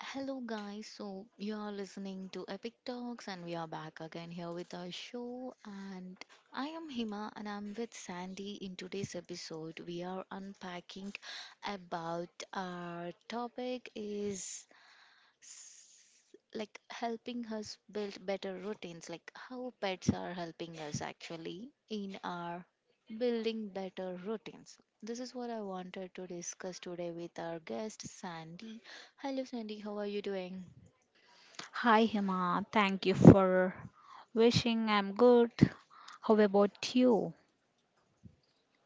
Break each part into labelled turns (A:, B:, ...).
A: Hello, guys. So, you are listening to Epic Talks, and we are back again here with our show. And I am Hima, and I'm with Sandy. In today's episode, we are unpacking about our topic is like helping us build better routines, like how pets are helping us actually in our building better routines. This is what I wanted to discuss today with our guest Sandy. Hello Sandy, how are you doing?
B: Hi, Hima. Thank you for wishing I'm good. How about you?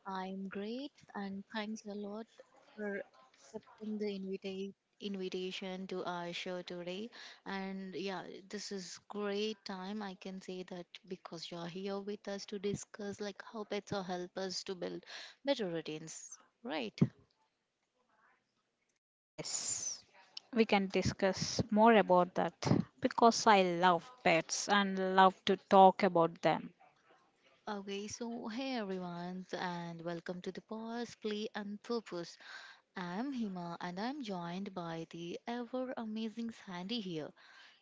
A: I'm great and thanks a lot for accepting the invitation to our show today. And yeah, this is great time. I can say that because you're here with us to discuss like how pets will help us to build better routines. Right.
B: Yes, we can discuss more about that because I love pets and love to talk about them.
A: Okay, so hey everyone and welcome to the Pause, Play and Purpose. I'm Hima and I'm joined by the ever amazing Sandy here.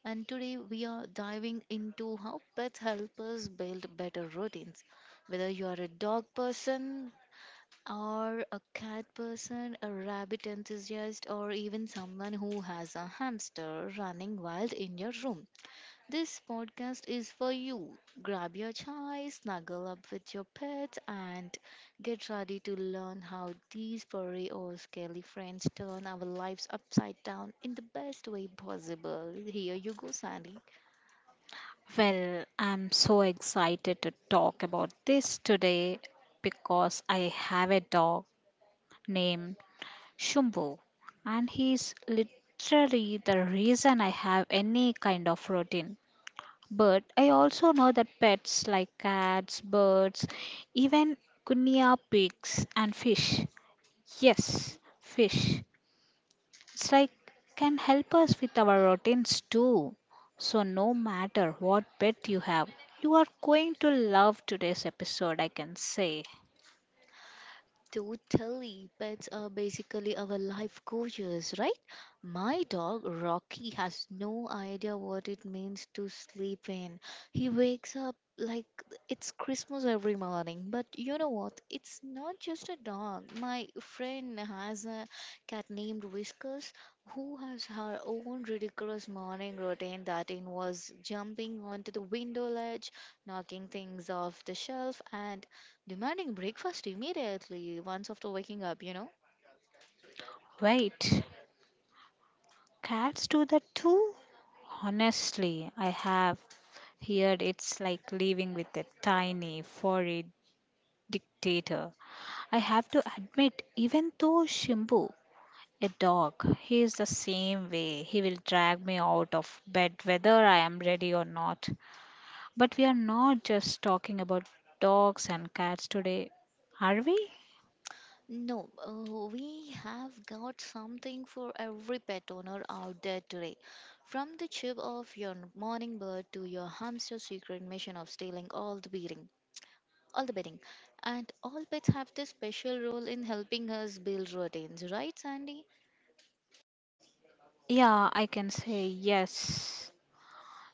A: And today we are diving into how pets help us build better routines. Whether you are a dog person or a cat person, a rabbit enthusiast, or even someone who has a hamster running wild in your room, this podcast is for you. Grab your chai, snuggle up with your pets, and get ready to learn how these furry or scaly friends turn our lives upside down in the best way possible. Here you go, Sandy.
B: Well, I'm so excited to talk about this today because I have a dog named Shumbu, and he's literally the reason I have any kind of routine. But I also know that pets like cats, birds, even guinea pigs and fish. Yes, fish. It's like can help us with our routines too. So no matter what pet you have, you are going to love today's episode, I can say.
A: Totally, pets are basically our life coaches, right? My dog Rocky has no idea what it means to sleep in. He wakes up like it's Christmas every morning. But you know what? It's not just a dog. My friend has a cat named Whiskers who has her own ridiculous morning routine that involves jumping onto the window ledge, knocking things off the shelf, and demanding breakfast immediately once after waking up, you know?
B: Wait, cats do that too? Honestly, I have heard it's like living with a tiny, furry dictator. I have to admit, even though Shimbu, a dog, he is the same way. He will drag me out of bed whether I am ready or not. But we are not just talking about dogs and cats today, are we?
A: No, we have got something for every pet owner out there today. From the chip of your morning bird to your hamster's secret mission of stealing all the beating, all the bedding, and all pets have this special role in helping us build routines, right, Sandy?
B: Yeah, I can say yes.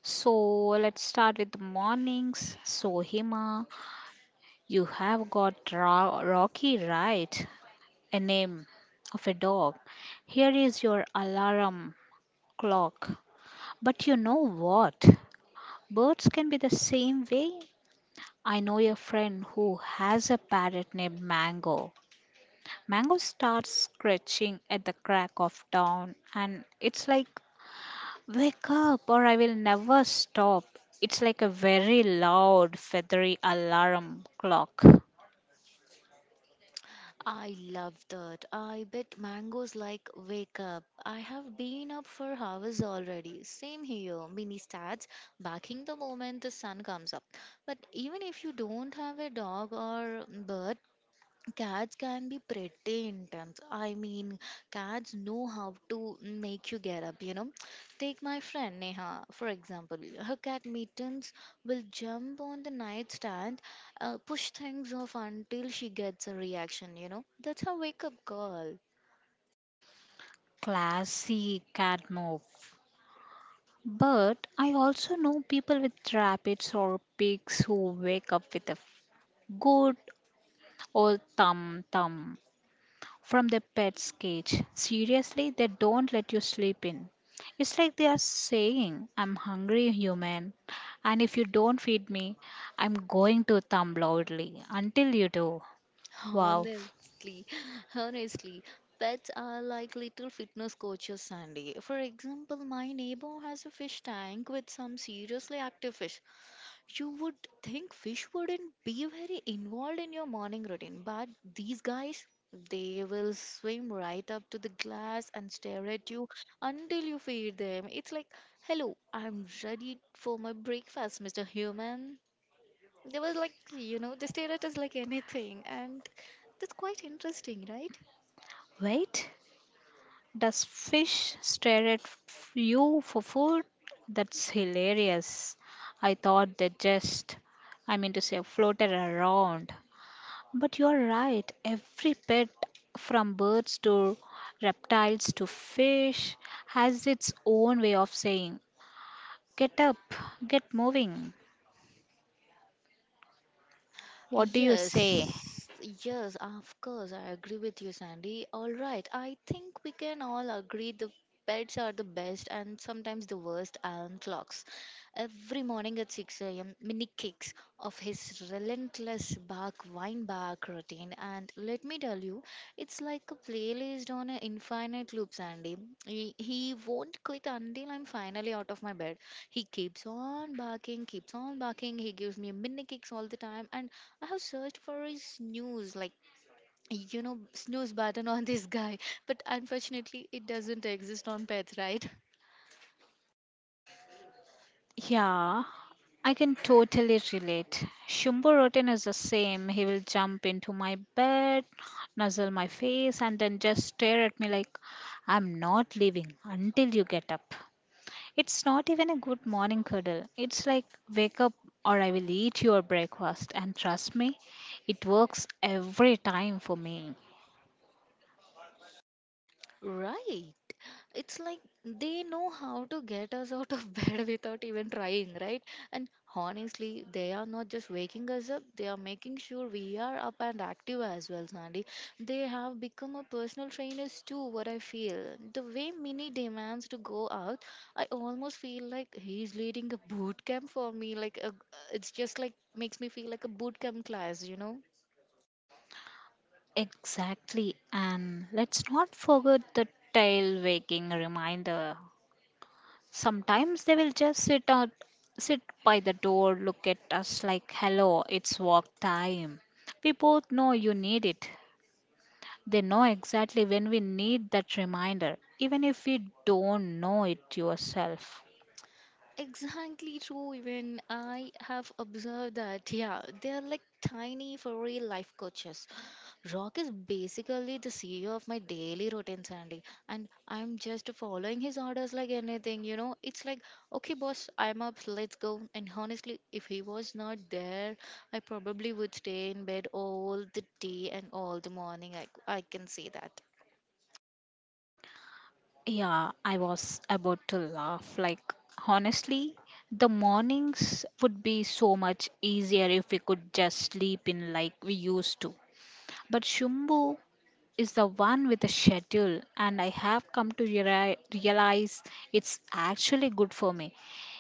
B: So let's start with the mornings. So, Hima, you have got Rocky, right, a name of a dog. Here is your alarm clock. But you know what? Birds can be the same way. I know a friend who has a parrot named Mango. Mango starts scratching at the crack of dawn, and it's like, "Wake up, or I will never stop." It's like a very loud, feathery alarm clock.
A: I love that. I bet mangoes like wake up. I have been up for hours already. Same here. Mini starts backing the moment the sun comes up. But even if you don't have a dog or bird, cats can be pretty intense. I mean, cats know how to make you get up, you know. Take my friend Neha, for example. Her cat mittens will jump on the nightstand, push things off until she gets a reaction, you know. That's her wake up call.
B: Classy cat move. But I also know people with rabbits or pigs who wake up with a good "Oh, Thumb, Thumb," from the pet's cage. Seriously, they don't let you sleep in. It's like they are saying, "I'm hungry, human, and if you don't feed me, I'm going to thumb loudly until you do." Wow.
A: Honestly, honestly. Pets are like little fitness coaches, Sandy. For example, my neighbor has a fish tank with some seriously active fish. You would think fish wouldn't be very involved in your morning routine, but these guys, they will swim right up to the glass and stare at you until you feed them. It's like, hello, I'm ready for my breakfast, Mr. Human. They were like, you know, they stare at us like anything, and that's quite interesting, right?
B: Wait, does fish stare at you for food? That's hilarious. I thought they just, I mean to say, floated around. But you're right, every pet, from birds to reptiles to fish, has its own way of saying, "Get up, get moving." What do you say?
A: Yes, yes, of course, I agree with you, Sandy. All right, I think we can all agree the pets are the best and sometimes the worst alarm clocks. Every morning at 6 a.m., mini kicks of his relentless bark, wine bark routine. And let me tell you, it's like a playlist on an infinite loop, Sandy. He won't quit until I'm finally out of my bed. He keeps on barking, keeps on barking. He gives me mini kicks all the time, and I have searched for his snooze, like you know, snooze button on this guy, but unfortunately, it doesn't exist on pets, right?
B: Yeah, I can totally relate. Shumbo Rotten is the same. He will jump into my bed, nuzzle my face, and then just stare at me like, "I'm not leaving until you get up." It's not even a good morning cuddle. It's like, "Wake up or I will eat your breakfast." And trust me, it works every time for me.
A: Right. It's like they know how to get us out of bed without even trying, right? And honestly, they are not just waking us up, they are making sure we are up and active as well, Sandy. They have become a personal trainers too, what I feel. The way mini demands to go out, I almost feel like he's leading a boot camp for me, it's just like makes me feel like a boot camp class, you know.
B: Exactly. And let's not forget the tail waking reminder. Sometimes they will just sit by the door, look at us like, "Hello, it's walk time. We both know you need it." They know exactly when we need that reminder, even if we don't know it yourself.
A: Exactly true, even I have observed that. Yeah, they are like tiny for real life coaches. Rock is basically the CEO of my daily routine, Sandy, and I'm just following his orders like anything, you know. It's like, okay, boss, I'm up, let's go. And honestly, if he was not there, I probably would stay in bed all the day and all the morning. I can say that.
B: Yeah, I was about to laugh. Like, honestly, the mornings would be so much easier if we could just sleep in like we used to. But Shumbu is the one with the schedule, and I have come to realize it's actually good for me.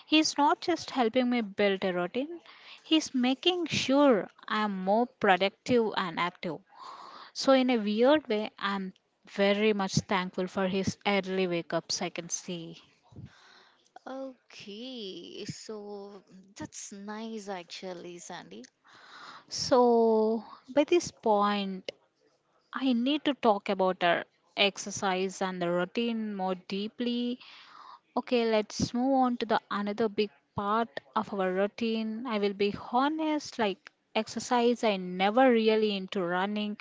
B: He's not just helping me build a routine, he's making sure I am more productive and active. So, in a weird way, I'm very much thankful for his early wake ups, I can say.
A: Okay, so that's nice actually, Sandy.
B: So, by this point, I need to talk about our exercise and the routine more deeply. Okay, let's move on to the another big part of our routine. I will be honest, like exercise, I never really into running,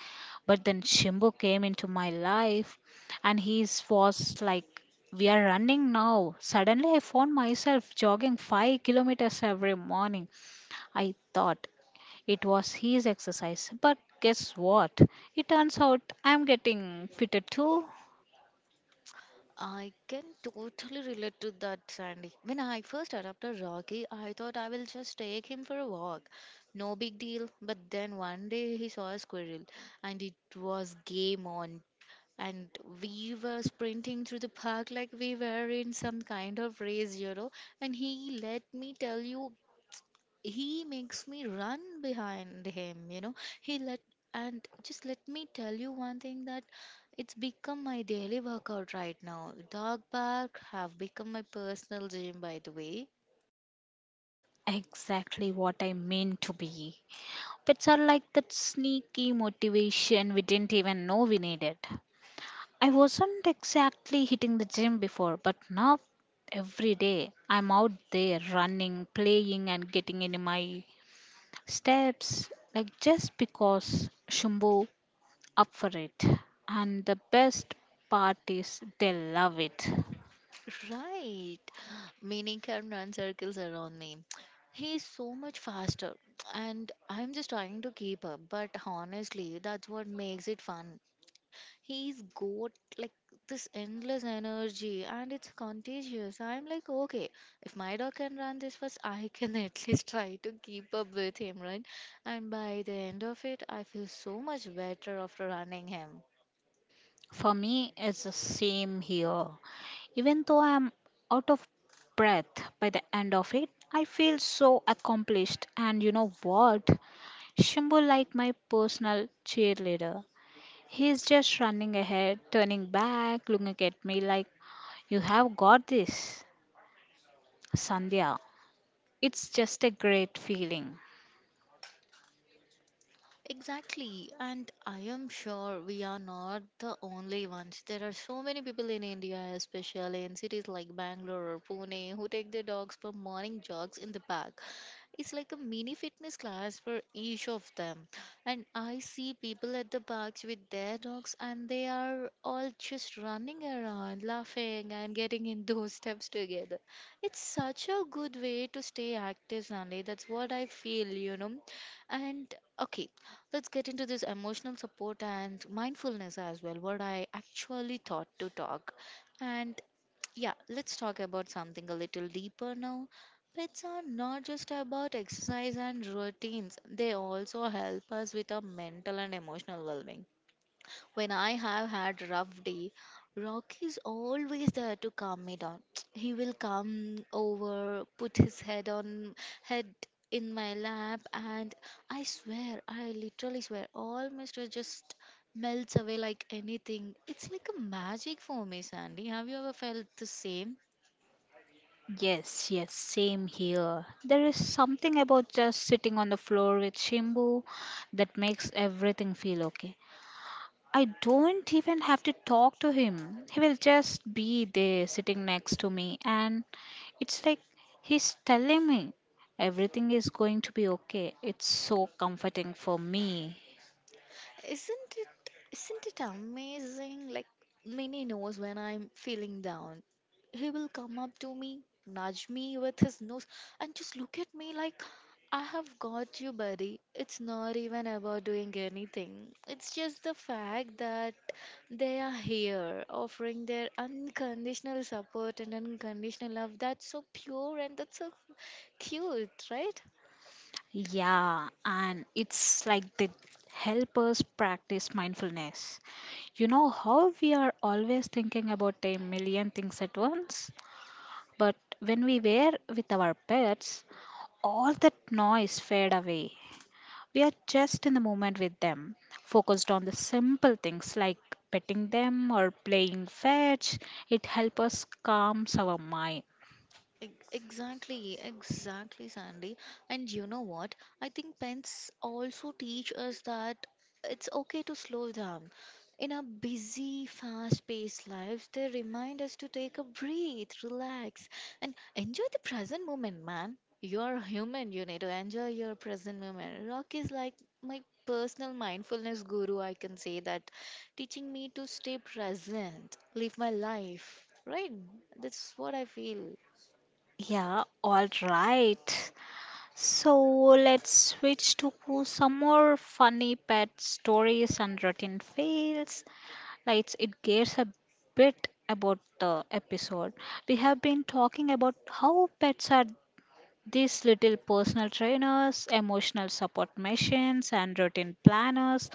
B: but then Shimbo came into my life and he was like, "We are running now." Suddenly, I found myself jogging 5 kilometers every morning. I thought it was his exercise, but guess what? It turns out I'm getting fitter too.
A: I can totally relate to that, Sandy. When I first adopted Rocky, I thought I will just take him for a walk. No big deal. But then one day he saw a squirrel and it was game on. And we were sprinting through the park like we were in some kind of race, you know. And he let me tell you, he makes me run behind him, you know. He let and just let me tell you one thing, that it's become my daily workout right now. Dog park have become my personal gym, by the way.
B: Exactly what I mean to be. Pets are like that sneaky motivation we didn't even know we needed. I wasn't exactly hitting the gym before, but now every day I'm out there running, playing, and getting into my steps, like just because Shumbo up for it. And the best part is they love it.
A: Right, meaning can run circles around me. He's so much faster and I'm just trying to keep up, but honestly that's what makes it fun. He's got like this endless energy and it's contagious. I'm like, okay, if my dog can run this fast, I can at least try to keep up with him, right? And by the end of it, I feel so much better after running him.
B: For me, it's the same here. Even though I'm out of breath by the end of it, I feel so accomplished. And you know what? Shimbo like my personal cheerleader. He's just running ahead, turning back, looking at me like, "You have got this, Sandhya." It's just a great feeling.
A: Exactly, and I am sure we are not the only ones. There are so many people in India, especially in cities like Bangalore or Pune, who take their dogs for morning jogs in the park. It's like a mini fitness class for each of them. And I see people at the parks with their dogs, and they are all just running around, laughing, and getting in those steps together. It's such a good way to stay active, Stanley. That's what I feel, you know. And okay, let's get into this emotional support and mindfulness as well, what I actually thought to talk. And yeah, let's talk about something a little deeper now. Pets are not just about exercise and routines, they also help us with our mental and emotional well being. When I have had rough day, Rocky is always there to calm me down. He will come over, put his head on head in my lap and I swear, I literally swear, all my stress just melts away like anything. It's like a magic for me, Sandy. Have you ever felt the same?
B: Yes, yes, same here. There is something about just sitting on the floor with Shimbu that makes everything feel okay. I don't even have to talk to him. He will just be there sitting next to me, and it's like he's telling me everything is going to be okay. It's so comforting for me.
A: Isn't it amazing? Like Minnie knows when I'm feeling down. He will come up to me, nudge me with his nose, and just look at me like I have got you, buddy. It's not even about doing anything. It's just the fact that they are here offering their unconditional support and unconditional love. That's so pure and that's so cute, right?
B: Yeah, and it's like they help us practice mindfulness. You know how we are always thinking about a million things at once? But when we were with our pets, all that noise fade away. We are just in the moment with them, focused on the simple things like petting them or playing fetch. It helps us calms our mind.
A: Exactly, Sandy. And you know what? I think pens also teach us that it's okay to slow down. In our busy, fast paced lives, they remind us to take a breathe, relax, and enjoy the present moment, man. You're human, you need to enjoy your present moment. Rock is like my personal mindfulness guru, I can say that, teaching me to stay present, live my life. Right? That's what I feel.
B: Yeah, all right. So let's switch to some more funny pet stories and routine fails. Like it gives a bit about the episode. We have been talking about how pets are these little personal trainers, emotional support machines, and routine planners.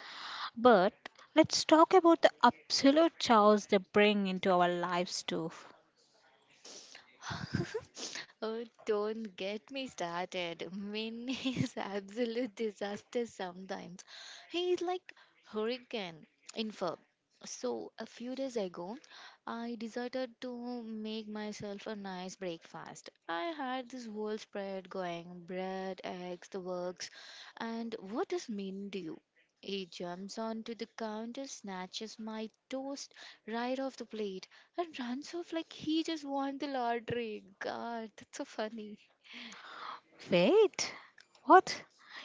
B: But let's talk about the absolute chaos they bring into our lives too.
A: Oh, don't get me started. Min is absolute disaster sometimes. He is like hurricane in fur. So a few days ago, I decided to make myself a nice breakfast. I had this whole spread going, bread, eggs, the works. And what does Min do? He jumps onto the counter, snatches my toast right off the plate, and runs off like he just won the lottery. God, that's so funny.
B: Wait, what?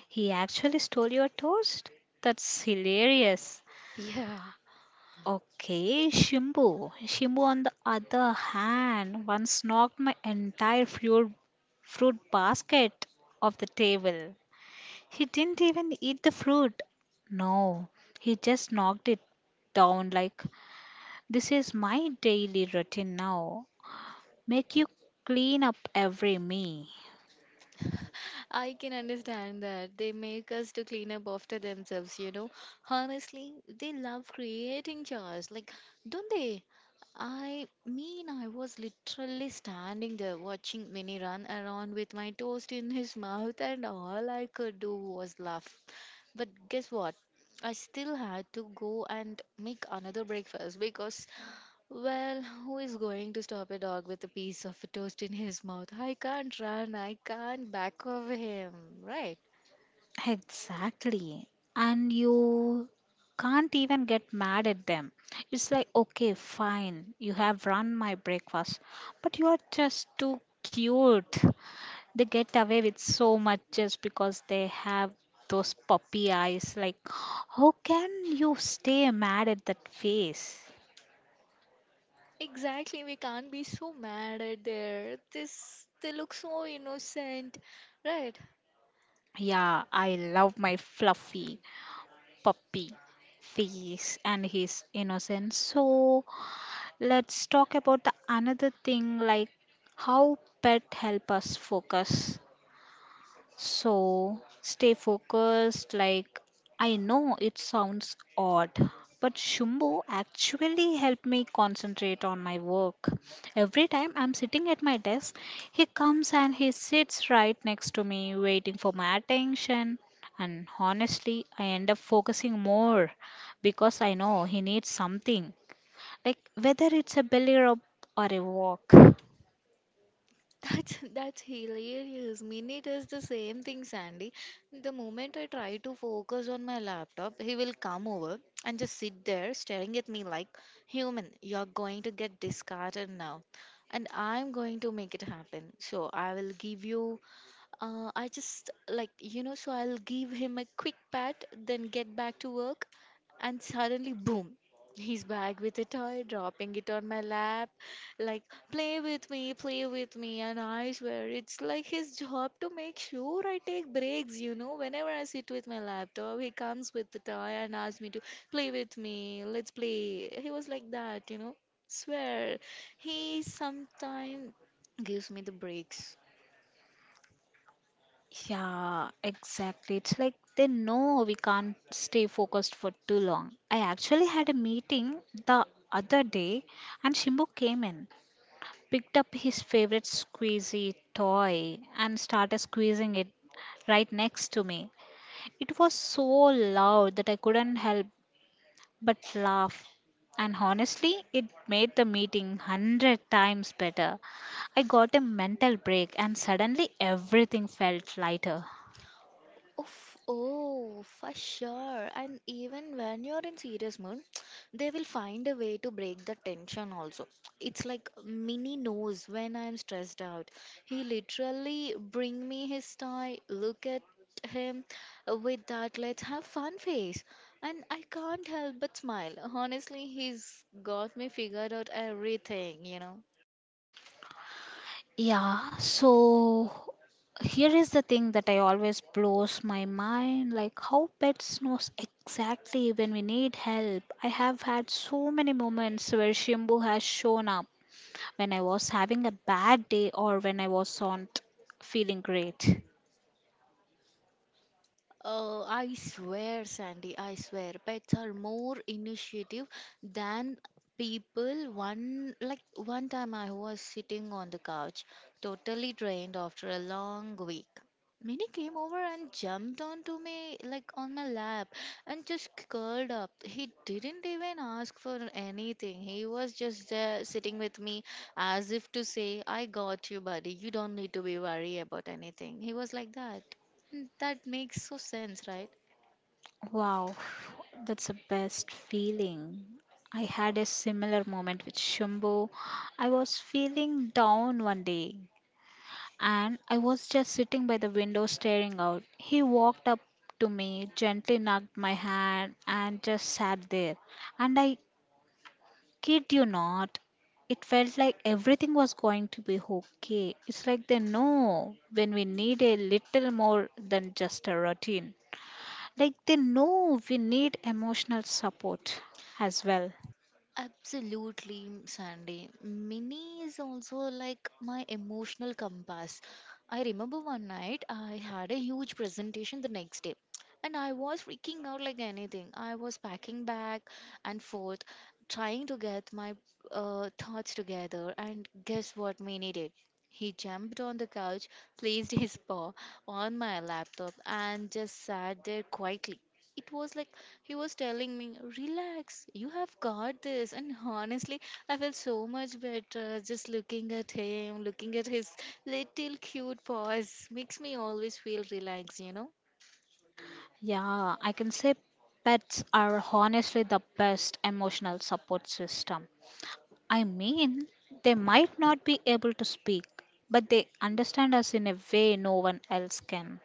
B: He actually stole your toast? That's hilarious.
A: Yeah,
B: Okay, Shimbu. Shimbu, on the other hand, once knocked my entire fruit basket off the table. He didn't even eat the fruit. No, he just knocked it down like, "This is my daily routine now. Make you clean up every meal."
A: I can understand that. They make us to clean up after themselves, you know. Honestly, they love creating jars, like, don't they? I mean, I was literally standing there watching Minnie run around with my toast in his mouth, and all I could do was laugh. But guess what? I still had to go and make another breakfast because well, who is going to stop a dog with a piece of toast in his mouth? I can't run, I can't back of him, right?
B: Exactly. And you can't even get mad at them. It's like, "Okay, fine, you have run my breakfast, but you are just too cute." They get away with so much just because they have those puppy eyes. Like, how can you stay mad at that face?
A: Exactly, we can't be so mad at their this they look so innocent, right?
B: Yeah, I love my fluffy puppy face and his innocence. So let's talk about the another thing like how pet help us focus. So stay focused. Like, I know it sounds odd, but Shumbo actually helped me concentrate on my work. Every time I'm sitting at my desk, he comes and he sits right next to me, waiting for my attention. And honestly, I end up focusing more because I know he needs something, like whether it's a belly rub or a walk.
A: That's hilarious. Mini does the same thing, Sandy. The moment I try to focus on my laptop, he will come over and just sit there staring at me like, "Human, you're going to get discarded now." And I'm going to make it happen. So I will give you I just like, you know, so I'll give him a quick pat, then get back to work, and suddenly, boom, he's back with a toy, dropping it on my lap, like, play with me, play with me. And I swear, it's like his job to make sure I take breaks. Whenever I sit with my laptop, he comes with the toy and asks me to play with me, let's play. He was like that. Swear, he sometimes gives me the breaks.
B: Yeah, exactly. It's like they know we can't stay focused for too long. I actually had a meeting the other day, and Shimbu came in, picked up his favorite squeezy toy, and started squeezing it right next to me. It was so loud that I couldn't help but laugh. And honestly, it made the meeting 100 times better. I got a mental break, and suddenly everything felt lighter.
A: Oof, oh, for sure. And even when you're in serious mood, they will find a way to break the tension also. It's like Minnie knows when I'm stressed out. He literally bring me his tie, look at him with that let's have fun face. And I can't help but smile. Honestly, he's got me figured out everything.
B: Yeah, so here is the thing that I always blows my mind like how pets knows exactly when we need help. I have had so many moments where Shimbu has shown up when I was having a bad day or when I was not feeling great.
A: I swear, Sandy, I swear, pets are more initiative than people. One like one time I was sitting on the couch, totally drained after a long week. Minnie came over and jumped onto me, like on my lap, and just curled up. He didn't even ask for anything. He was just there sitting with me as if to say, I got you, buddy. You don't need to be worried about anything. He was like that. And that makes so sense, right?
B: Wow, that's the best feeling. I had a similar moment with Shimbu. I was feeling down one day and I was just sitting by the window staring out. He walked up to me, gently knocked my hand, and just sat there. And I kid you not, it felt like everything was going to be okay. It's like they know when we need a little more than just a routine. Like they know we need emotional support as well.
A: Absolutely, Sandy. Mini is also like my emotional compass. I remember one night I had a huge presentation the next day, and I was freaking out like anything. I was packing back and forth, trying to get my thoughts together, and guess what Mini did? He jumped on the couch, placed his paw on my laptop, and just sat there quietly. It was like he was telling me, relax, you have got this. And honestly, I felt so much better just looking at him, looking at his little cute paws. Makes me always feel relaxed, you know.
B: Yeah, I can say pets are honestly the best emotional support system. I mean, they might not be able to speak, but they understand us in a way no one else can.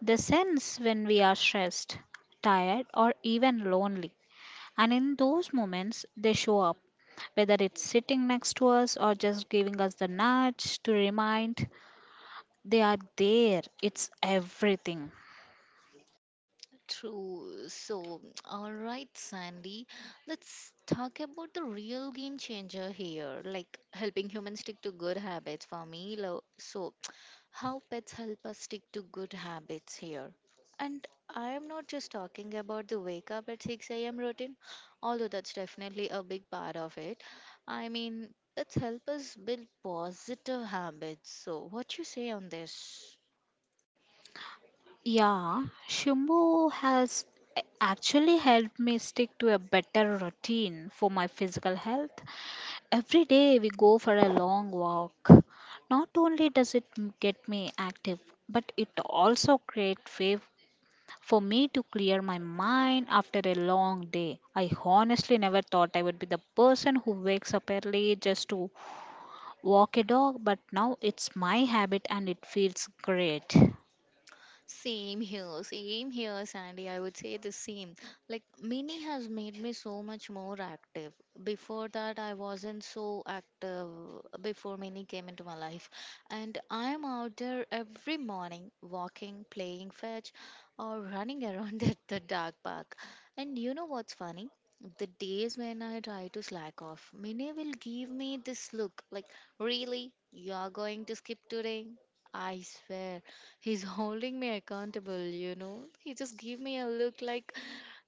B: They sense when we are stressed, tired, or even lonely. And in those moments, they show up, whether it's sitting next to us or just giving us the nudge to remind they are there. It's everything.
A: True. So, all right, Sandy, let's talk about the real game changer here, like helping humans stick to good habits for me. So, how pets help us stick to good habits here. And I am not just talking about the wake up at 6 a.m. routine, although that's definitely a big part of it. I mean, pets help us build positive habits. So, what you say on this?
B: Yeah, Shumbu has actually helped me stick to a better routine for my physical health. Every day we go for a long walk. Not only does it get me active, but it also creates way for me to clear my mind after a long day. I honestly never thought I would be the person who wakes up early just to walk a dog, but now it's my habit and it feels great.
A: Same here, Sandy. I would say the same. Like, Mini has made me so much more active. Before that, I wasn't so active before Mini came into my life. And I'm out there every morning, walking, playing fetch, or running around at the dog park. And you know what's funny? The days when I try to slack off, Mini will give me this look like, really? You're going to skip today? I swear. He's holding me accountable, you know. He just gave me a look like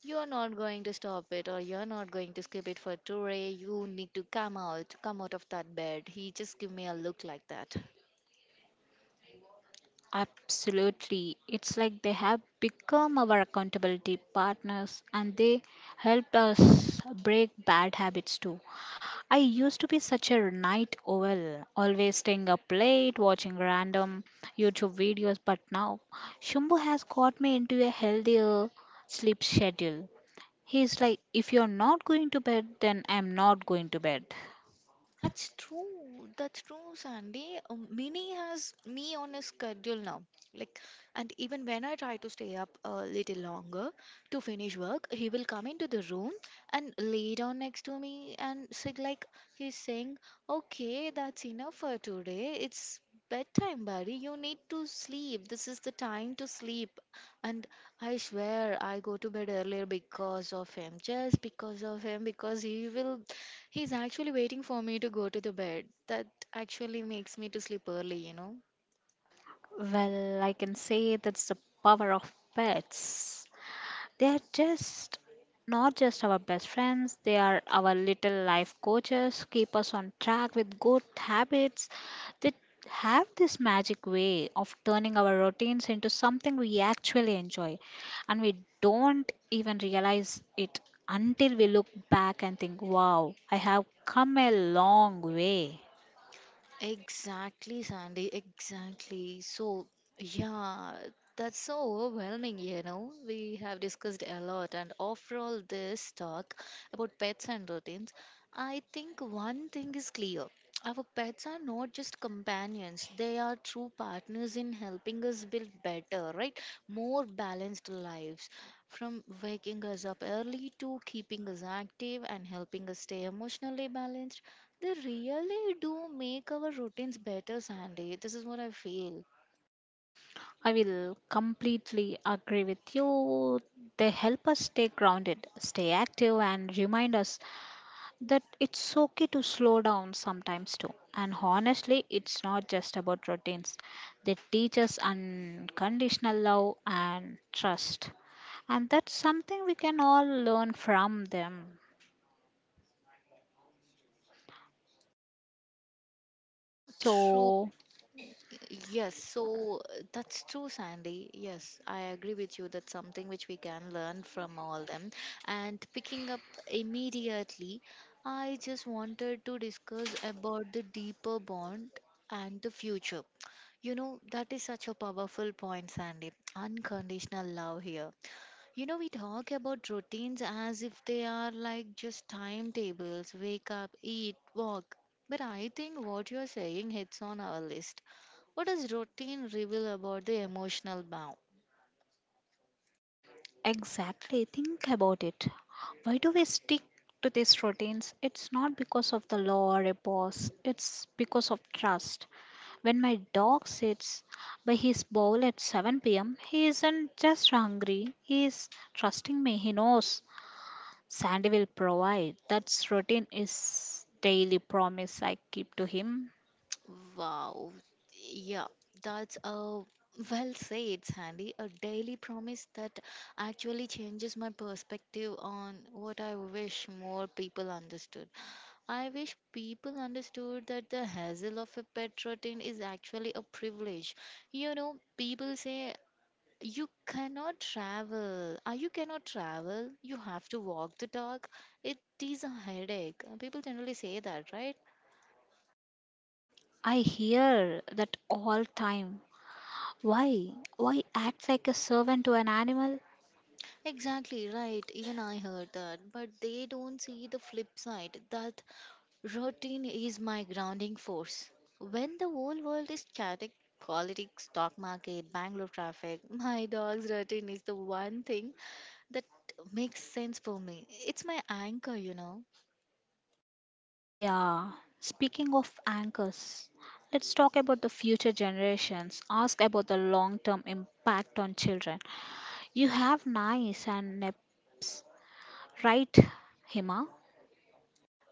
A: you're not going to stop it or you're not going to skip it for today. You need to come out of that bed. He just gave me a look like that.
B: Absolutely. It's like they have become our accountability partners and they helped us break bad habits too. I used to be such a night owl, always staying up late, watching random YouTube videos, but now Shumbu has got me into a healthier sleep schedule. He's like, "If you're not going to bed, then I'm not going to bed."
A: That's true. That's true, Sandy. Mini has me on a schedule now. Like, and even when I try to stay up a little longer to finish work, he will come into the room and lay down next to me and say, like, he's saying, "Okay, that's enough for today. It's bedtime, buddy. You need to sleep. This is the time to sleep." And I swear, I go to bed earlier because of him, just because of him, because he will. He's actually waiting for me to go to the bed. That actually makes me to sleep early, you know.
B: Well, I can say that's the power of pets. They are just not just our best friends, they are our little life coaches, keep us on track with good habits. They have this magic way of turning our routines into something we actually enjoy, and we don't even realize it until we look back and think, "Wow, I have come a long way."
A: Exactly, Sandy, exactly. So, yeah, that's so overwhelming, you know. We have discussed a lot, and after all this talk about pets and routines, I think one thing is clear. Our pets are not just companions, they are true partners in helping us build better, right? More balanced lives. From waking us up early to keeping us active and helping us stay emotionally balanced, they really do make our routines better, Sandy. This is what I feel.
B: I will completely agree with you. They help us stay grounded, stay active, and remind us that it's okay to slow down sometimes too. And honestly, it's not just about routines, they teach us unconditional love and trust. And that's something we can all learn from them.
A: True.
B: So,
A: Yes. So that's true, Sandy. Yes, I agree with you. That's something which we can learn from all them. And picking up immediately, I just wanted to discuss about the deeper bond and the future. You know, that is such a powerful point, Sandy. Unconditional love here. You know, we talk about routines as if they are like just timetables wake up, eat, walk. But I think what you're saying hits on our list. What does routine reveal about the emotional bound?
B: exactly. Think about it. Why do we stick to these routines? It's not because of the law or a boss, it's because of trust. When my dog sits by his bowl at 7 p.m., he isn't just hungry, he is trusting me. He knows Sandy will provide. That's routine is daily promise I keep to him.
A: Wow. Yeah, that's a well said, Sandy. A daily promise that actually changes my perspective on what I wish more people understood. I wish people understood that the hassle of a pet routine is actually a privilege. You know, people say, you cannot travel. Ah, you cannot travel. You have to walk the dog. It is a headache. People generally say that, right?
B: I hear that all time. Why? Why act like a servant to an animal?
A: Exactly, right. Even I heard that. But they don't see the flip side that routine is my grounding force. When the whole world is chaotic, politics, stock market, Bangalore traffic, my dog's routine is the one thing that makes sense for me. It's my anchor, you know.
B: Yeah, speaking of anchors, let's talk about the future generations. Ask about the long term impact on children. You have NICE and NEPS, right, Hima?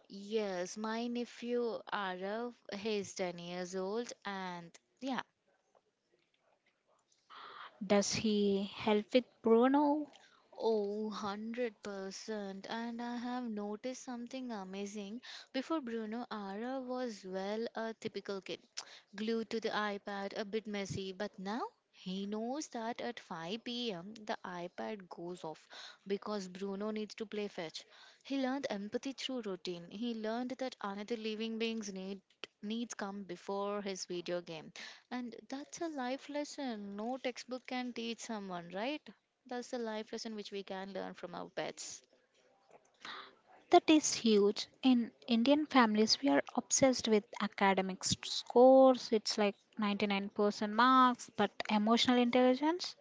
A: Yes, my nephew Arav, he's 10 years old, and yeah,
B: Does he help with Bruno?
A: oh, 100%. And I have noticed something amazing. Before Bruno, Ara was well a typical kid, glued to the iPad, a bit messy. But now he knows that at 5 p.m. the iPad goes off because Bruno needs to play fetch. He learned empathy through routine. He learned that another living beings needs come before his video game. And that's a life lesson no textbook can teach someone, right? That's the life lesson which we can learn from our pets.
B: That is huge. In Indian families, we are obsessed with academic scores. It's like 99% marks, but emotional intelligence?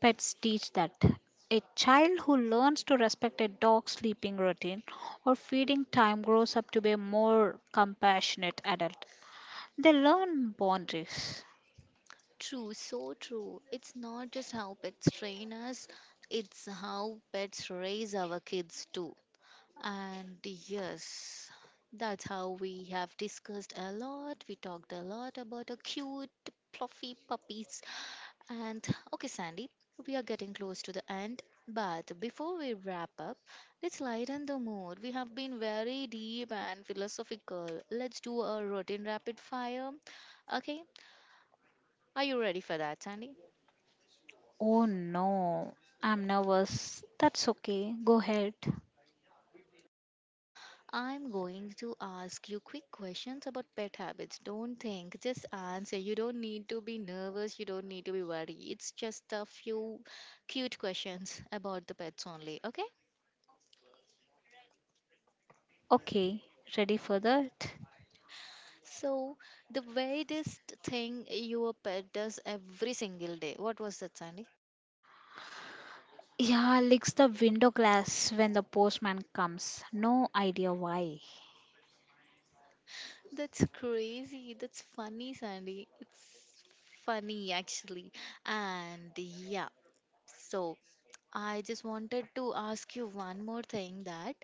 B: Pets teach that. A child who learns to respect a dog's sleeping routine or feeding time grows up to be a more compassionate adult. They learn boundaries.
A: True, so true. It's not just how pets train us, it's how pets raise our kids too. And yes, that's how we have discussed a lot. We talked a lot about our cute, fluffy puppies. And okay, Sandy, we are getting close to the end. But before we wrap up, let's lighten the mood. We have been very deep and philosophical. Let's do a routine rapid fire. Okay, are you ready for that, Sandy?
B: Oh no, I'm nervous. That's okay. Go ahead.
A: I'm going to ask you quick questions about pet habits. Don't think, just answer. You don't need to be nervous, you don't need to be worried. It's just a few cute questions about the pets only, okay?
B: Okay, ready for that?
A: So, the weirdest thing your pet does every single day. What was that, Sandy?
B: Yeah, licks the window glass when the postman comes. No idea why.
A: That's crazy. That's funny, Sandy. It's funny, actually. And yeah, so I just wanted to ask you one more thing that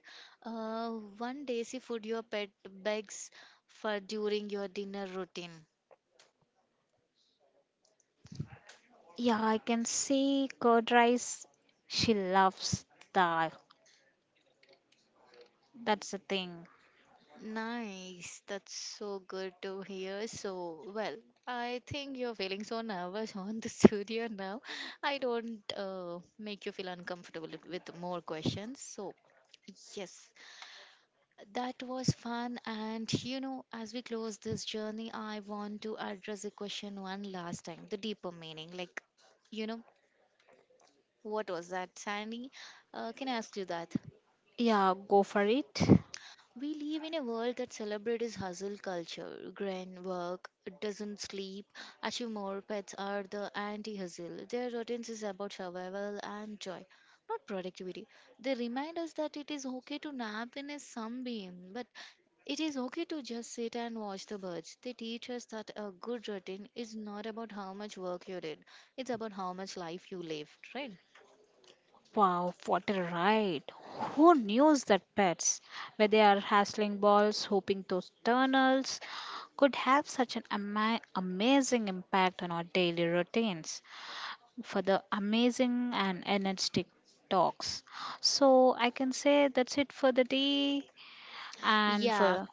A: uh, one desi food your pet begs for during your dinner routine.
B: Yeah, I can see curd rice. She loves dal. That's the thing.
A: Nice. That's so good to hear. So, well, I think you're feeling so nervous on the studio now. I don't make you feel uncomfortable with more questions. So, yes, that was fun. And, you know, as we close this journey, I want to address a question one last time, the deeper meaning. Like, you know, what was that, Sandy? Can I ask you that?
B: Yeah, go for it.
A: We live in a world that celebrates hustle culture, grind, work, doesn't sleep, achieve more. Pets are the anti-hustle. Their routines is about survival and joy, not productivity. They remind us that it is okay to nap in a sunbeam, but it is okay to just sit and watch the birds. They teach us that a good routine is not about how much work you did; it's about how much life you lived, right?
B: Wow, what a ride. Who knew that pets, where they are hassling balls, hoping those tunnels, could have such an amazing impact on our daily routines, for the amazing and energetic talks. So I can say that's it for the day. And
A: Yeah,
B: for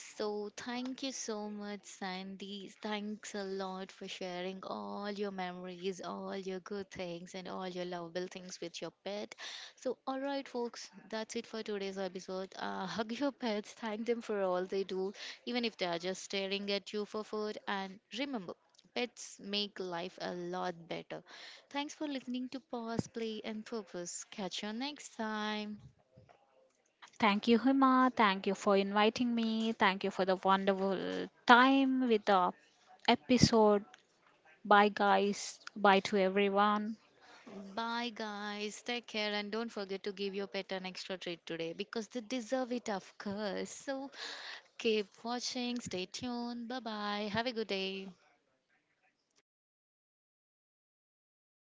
A: so, thank you so much, Sandy. Thanks a lot for sharing all your memories, all your good things, and all your lovable things with your pet. So, all right, folks, that's it for today's episode. Hug your pets, thank them for all they do, even if they are just staring at you for food. And remember, pets make life a lot better. Thanks for listening to Pause, Play, and Purpose. Catch you next time.
B: thank you, Hima, thank you for inviting me, thank you for the wonderful time with the episode. Bye, guys. Bye to everyone.
A: Bye, guys. Take care and don't forget to give your pet an extra treat today because they deserve it, of course. So keep watching, stay tuned. Bye bye. Have a good day.